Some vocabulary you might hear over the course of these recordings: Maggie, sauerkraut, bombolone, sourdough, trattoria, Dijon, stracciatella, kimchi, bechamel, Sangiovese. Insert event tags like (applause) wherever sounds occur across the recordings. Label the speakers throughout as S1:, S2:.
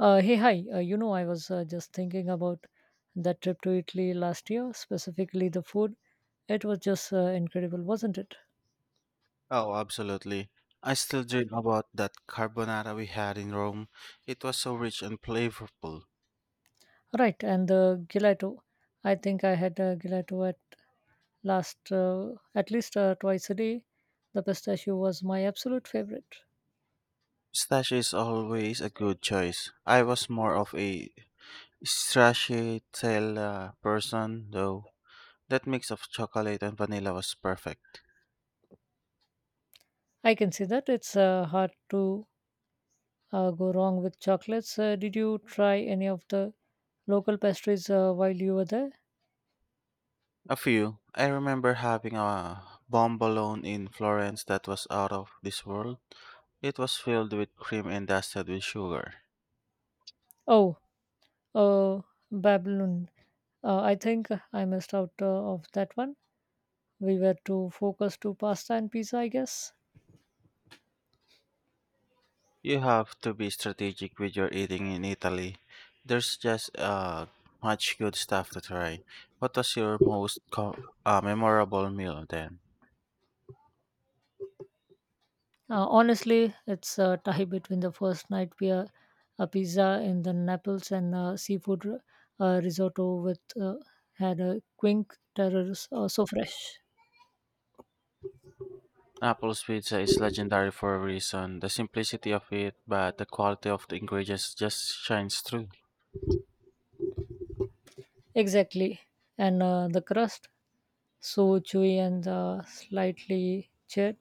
S1: Hey, hi. You know, I was just thinking about that trip to Italy last year, specifically the food. It was just incredible, wasn't it?
S2: Oh, absolutely. I still dream about that carbonara we had in Rome. It was so rich and flavorful.
S1: Right, and the gelato. I think I had gelato at last at least twice a day. The pistachio was my absolute favorite.
S2: Pistachio is always a good choice. I was more of a stracciatella person, though. That mix of chocolate and vanilla was perfect.
S1: I can see that it's hard to go wrong with chocolates. Did you try any of the local pastries while you were there?
S2: A few. I remember having a bombolone in Florence that was out of this world. It was filled with cream and dusted with sugar.
S1: Oh, uh, Babylon. I think I missed out of that one. We were too focused to pasta and pizza, I guess.
S2: You have to be strategic with your eating in Italy. There's just much good stuff to try. What was your most memorable meal then?
S1: Honestly, it's a tie between the first night beer, a pizza in the Naples, and seafood risotto with had a quink terrors so fresh.
S2: Apple's pizza is legendary for a reason. The simplicity of it, but the quality of the ingredients just shines through.
S1: Exactly, and the crust so chewy and slightly charred.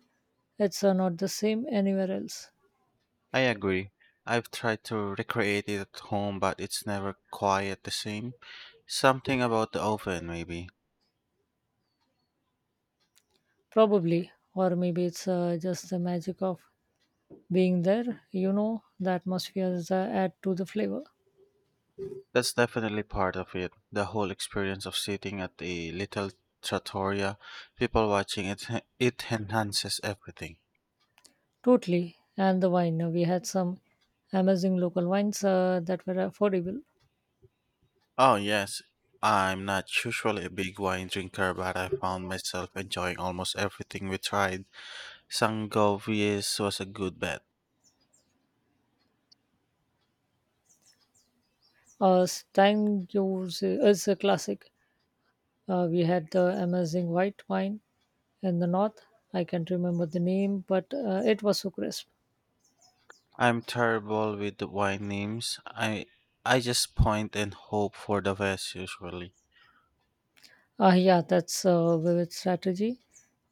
S1: It's not the same anywhere else,
S2: I agree. I've tried to recreate it at home, but it's never quite the same. Something about the oven, maybe.
S1: probably, or maybe it's just the magic of being there. The atmospheres add to the flavor,
S2: That's definitely part of it. The whole experience of sitting at a little trattoria, people watching it, it enhances everything.
S1: totally, and the wine, we had some amazing local wines that were affordable.
S2: Oh, yes. I'm not usually a big wine drinker, but I found myself enjoying almost everything we tried. Sangiovese was a good bet.
S1: Stang Juice is a classic. We had the amazing white wine in the north. I can't remember the name, but it was so crisp.
S2: I'm terrible with the wine names. I just point and hope for the best usually.
S1: Yeah, that's a vivid strategy,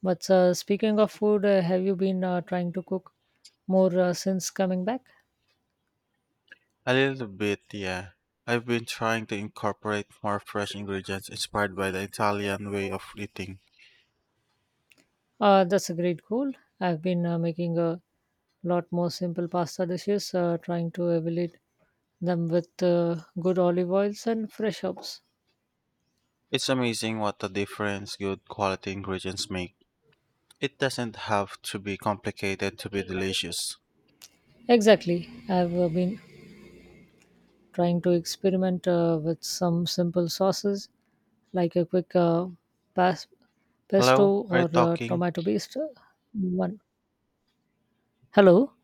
S1: but speaking of food, have you been trying to cook more since coming back?
S2: A little bit, yeah. I've been trying to incorporate more fresh ingredients inspired by the Italian way of eating.
S1: That's a great goal. I've been making a lot more simple pasta dishes, trying to evaluate them with good olive oils and fresh herbs.
S2: It's amazing what a difference good quality ingredients make. It doesn't have to be complicated to be delicious.
S1: Exactly. I've been trying to experiment with some simple sauces, like a quick pas- pesto
S2: Hello? Are you
S1: or
S2: talking?
S1: tomato based one. Hello.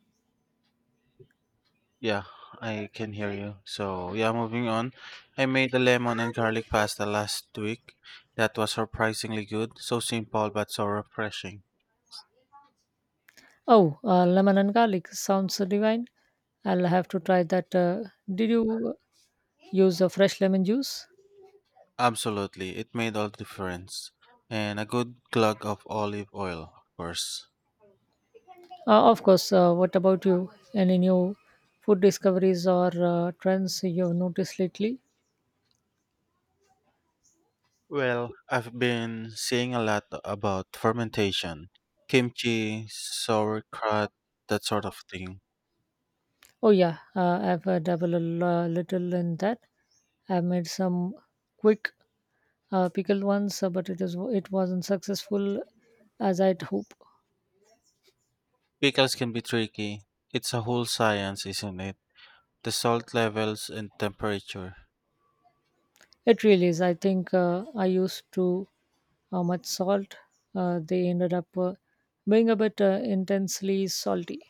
S2: Yeah, I can hear you. So, yeah, moving on. I made a lemon and garlic pasta last week. That was surprisingly good. So simple but so refreshing.
S1: Oh, lemon and garlic sounds divine. I'll have to try that. Did you use a fresh lemon juice?
S2: Absolutely, it made all the difference. And a good glug of olive oil, of course.
S1: Of course, what about you? Any new food discoveries or trends you've noticed lately?
S2: Well, I've been seeing a lot about fermentation, kimchi, sauerkraut, that sort of thing.
S1: Oh, yeah, I've dabbled a little in that. I've made some quick pickled ones, but it wasn't successful as I'd hope.
S2: Pickles can be tricky. It's a whole science, isn't it? The salt levels and temperature.
S1: It really is. I think I used too much salt. They ended up being a bit intensely salty.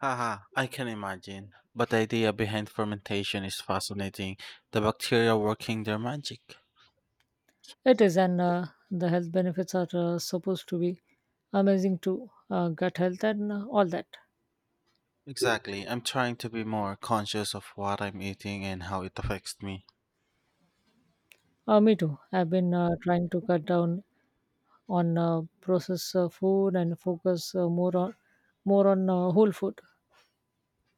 S2: Haha, I can imagine. But the idea behind fermentation is fascinating. The bacteria working their magic.
S1: It is, and the health benefits are supposed to be amazing too. Gut health and all that.
S2: Exactly. I'm trying to be more conscious of what I'm eating and how it affects me.
S1: Me too. I've been trying to cut down on processed food and focus more on whole food.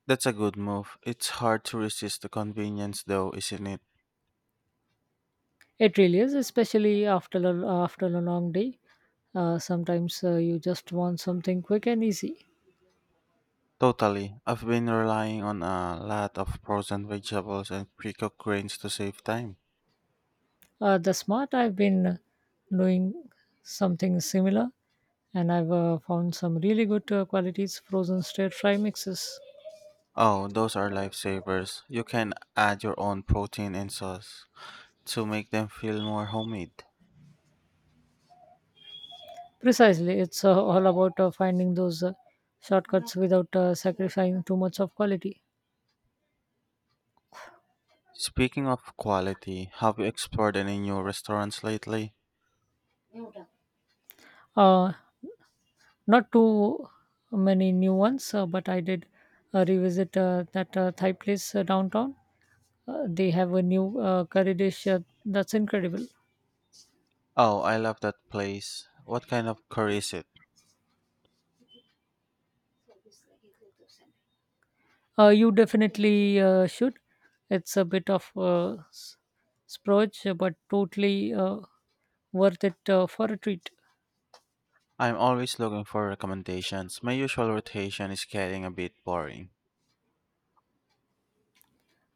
S2: That's a good move. It's hard to resist the convenience, though, isn't it?
S1: It really is, especially after a long day. Sometimes you just want something quick and easy.
S2: Totally. I've been relying on a lot of frozen vegetables and pre cooked grains to save time.
S1: The smart, I've been doing something similar, and I've found some really good qualities frozen stir fry mixes.
S2: Oh, those are lifesavers. You can add your own protein and sauce to make them feel more homemade.
S1: Precisely, it's all about finding those shortcuts without sacrificing too much of quality.
S2: Speaking of quality, have you explored any new restaurants lately?
S1: Uh, Not too many new ones, but I did revisit that Thai place downtown. They have a new curry dish that's incredible.
S2: Oh, I love that place. What kind of curry is it?
S1: You definitely should. It's a bit of a splurge, but totally worth it for a treat.
S2: I'm always looking for recommendations. My usual rotation is getting a bit boring.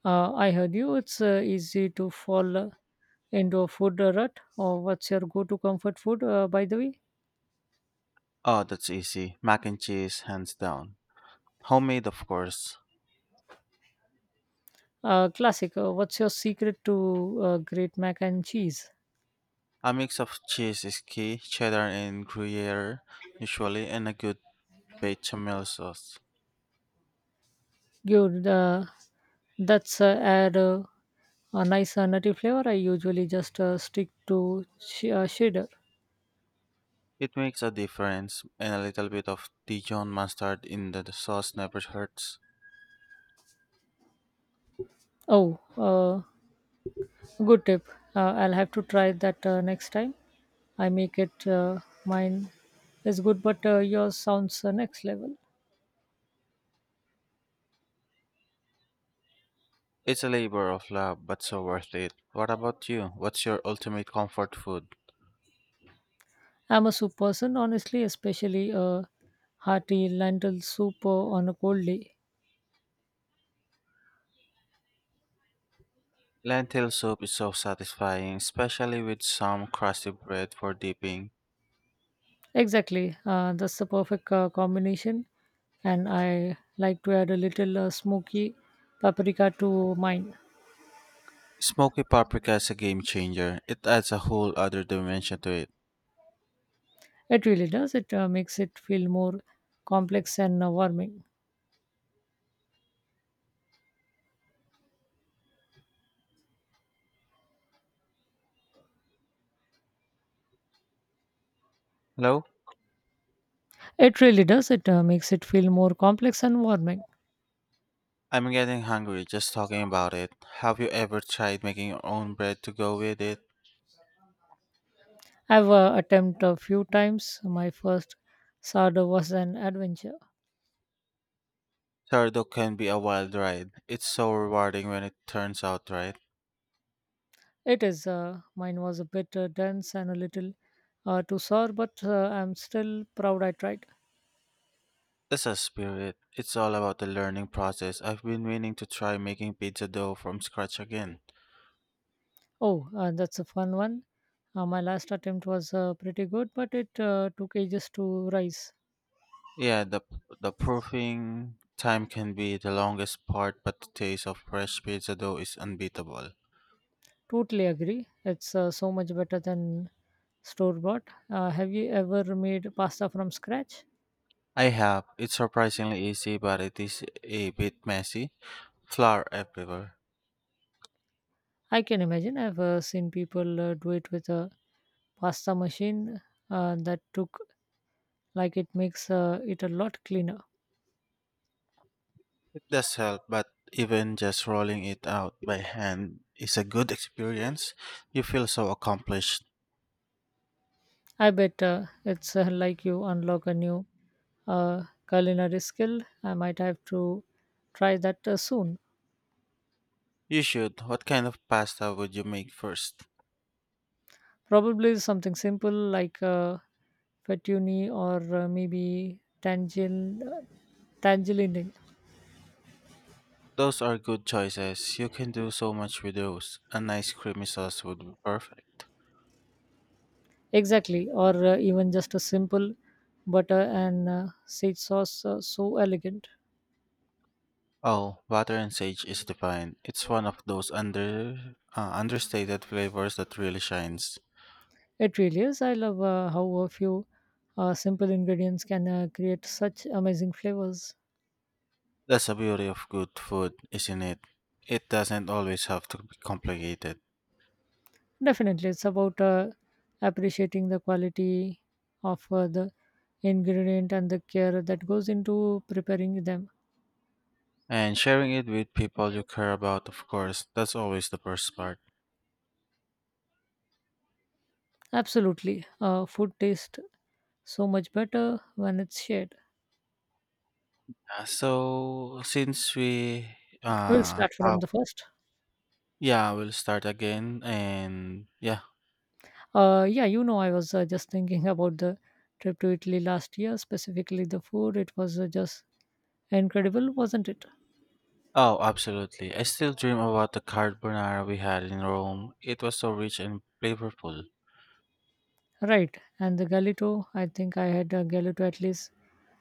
S1: I heard you. It's easy to fall into a food rut. Or what's your go-to comfort food, by the way?
S2: Oh, that's easy. Mac and cheese, hands down. Homemade, of course.
S1: Classic. What's your secret to great mac and cheese?
S2: A mix of cheese is key, cheddar and gruyere, usually, and a good bechamel sauce.
S1: Good. That's add a nice nutty flavor. I usually just stick to cheddar.
S2: It makes a difference, and a little bit of Dijon mustard in the sauce never hurts.
S1: Oh. Good tip. I'll have to try that next time. I make it mine is good, but yours sounds next level.
S2: It's a labor of love, but so worth it. What about you? What's your ultimate comfort food?
S1: I'm a soup person, honestly, especially a hearty lentil soup on a cold day.
S2: Lentil soup is so satisfying, especially with some crusty bread for dipping.
S1: Exactly. That's the perfect combination. And I like to add a little smoky paprika to mine.
S2: Smoky paprika is a game changer. It adds a whole other dimension to it.
S1: It really does. It makes it feel more complex and warming.
S2: Hello?
S1: It really does. It makes it feel more complex and warming.
S2: I'm getting hungry just talking about it. Have you ever tried making your own bread to go with it?
S1: I've attempted a few times. My first sourdough was an adventure.
S2: Sourdough can be a wild ride. It's so rewarding when it turns out right.
S1: It is. Mine was a bit dense and a little too sour, but I'm still proud I tried.
S2: That's a spirit. It's all about the learning process. I've been meaning to try making pizza dough from scratch again.
S1: Oh, that's a fun one. My last attempt was pretty good, but it took ages to rise.
S2: Yeah, the proofing time can be the longest part, but the taste of fresh pizza dough is unbeatable.
S1: Totally agree. It's so much better than store bought. Have you ever made pasta from scratch?
S2: I have. It's surprisingly easy, but it is a bit messy. Flour everywhere.
S1: I can imagine. I've seen people do it with a pasta machine that took like it makes it a lot cleaner.
S2: It does help, but even just rolling it out by hand is a good experience. You feel so accomplished.
S1: I bet it's like you unlock a new uh, culinary skill. I might have to try that soon.
S2: You should. What kind of pasta would you make first?
S1: Probably something simple like fettuccine or maybe tangel, tangeline.
S2: Those are good choices. You can do so much with those. A nice creamy sauce would be perfect.
S1: Exactly, or even just a simple butter and sage sauce so elegant.
S2: Oh, butter and sage is divine. It's one of those understated flavors that really shines.
S1: It really is. I love how a few simple ingredients can create such amazing flavors.
S2: That's the beauty of good food, isn't it? It doesn't always have to be complicated.
S1: Definitely, it's about appreciating the quality of the ingredient and the care that goes into preparing them.
S2: And sharing it with people you care about, of course, that's always the best part.
S1: Absolutely, food tastes so much better when it's shared.
S2: Uh, so, since we
S1: We'll
S2: uh
S1: start from
S2: have
S1: the first.
S2: yeah, we'll start again and yeah.
S1: Yeah, you know, I was just thinking (laughs) about the trip to Italy last year, specifically the food. It was just incredible, wasn't it?
S2: Oh, absolutely. I still dream about the carbonara we had in Rome. It was so rich and flavorful.
S1: Right, and the galito, I think I had a galito at least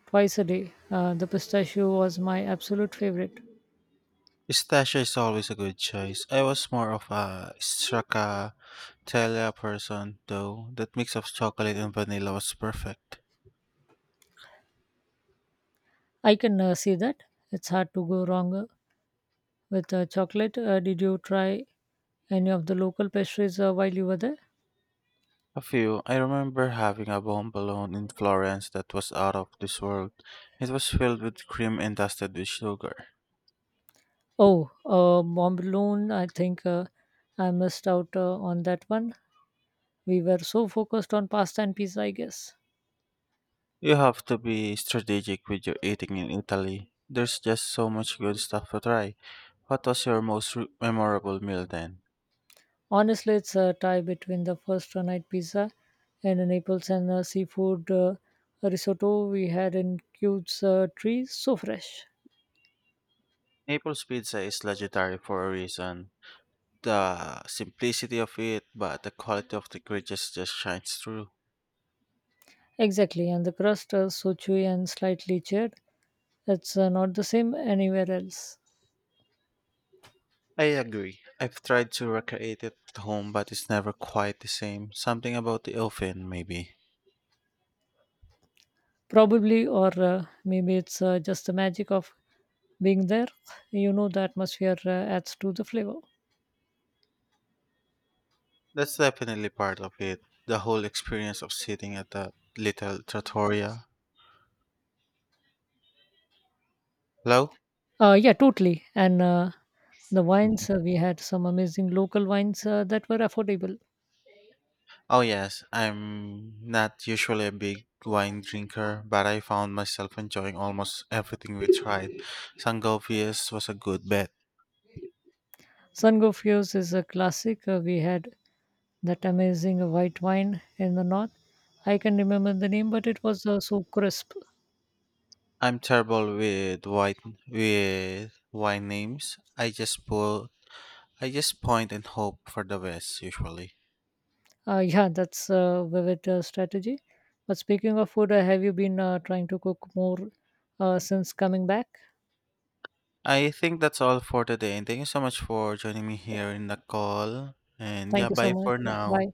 S1: twice a day. The pistachio was my absolute favorite.
S2: Pistachio is always a good choice. I was more of a stracciatella person, though. That mix of chocolate and vanilla was perfect.
S1: I can see that. It's hard to go wrong with chocolate. Did you try any of the local pastries while you were there?
S2: A few. I remember having a bomb balloon in Florence that was out of this world. It was filled with cream and dusted with sugar.
S1: Oh, Mont Blanc, I think I missed out on that one. We were so focused on pasta and pizza, I guess.
S2: You have to be strategic with your eating in Italy. There's just so much good stuff to try. What was your most memorable meal then?
S1: Honestly, it's a tie between the first night pizza and the Naples and seafood risotto we had in Cube's tree. So fresh.
S2: Naples pizza is legendary for a reason. The simplicity of it, but the quality of the creatures just shines through.
S1: Exactly, and the crust is so chewy and slightly charred. It's not the same anywhere else.
S2: I agree. I've tried to recreate it at home, but it's never quite the same. Something about the oven, maybe.
S1: Probably, or maybe it's just the magic of being there. You know, the atmosphere adds to the flavor.
S2: That's definitely part of it. The whole experience of sitting at that little trattoria. Hello?
S1: Yeah, totally. And the wines, we had some amazing local wines that were affordable.
S2: Oh, yes. I'm not usually a big wine drinker, but I found myself enjoying almost everything we tried. Sangovius was a good bet.
S1: Sun Go is a classic. We had that amazing white wine in the north. I can remember the name, but it was so crisp.
S2: I'm terrible with white with wine names. I just point and hope for the best usually.
S1: (laughs) Yeah, that's a vivid strategy. But speaking of food, have you been trying to cook more since coming back?
S2: I think that's all for today and thank you so much for joining me
S1: Yeah,
S2: here in the call. And
S1: thank
S2: yeah,
S1: you so
S2: bye
S1: much.
S2: for
S1: Yeah,
S2: now.
S1: bye.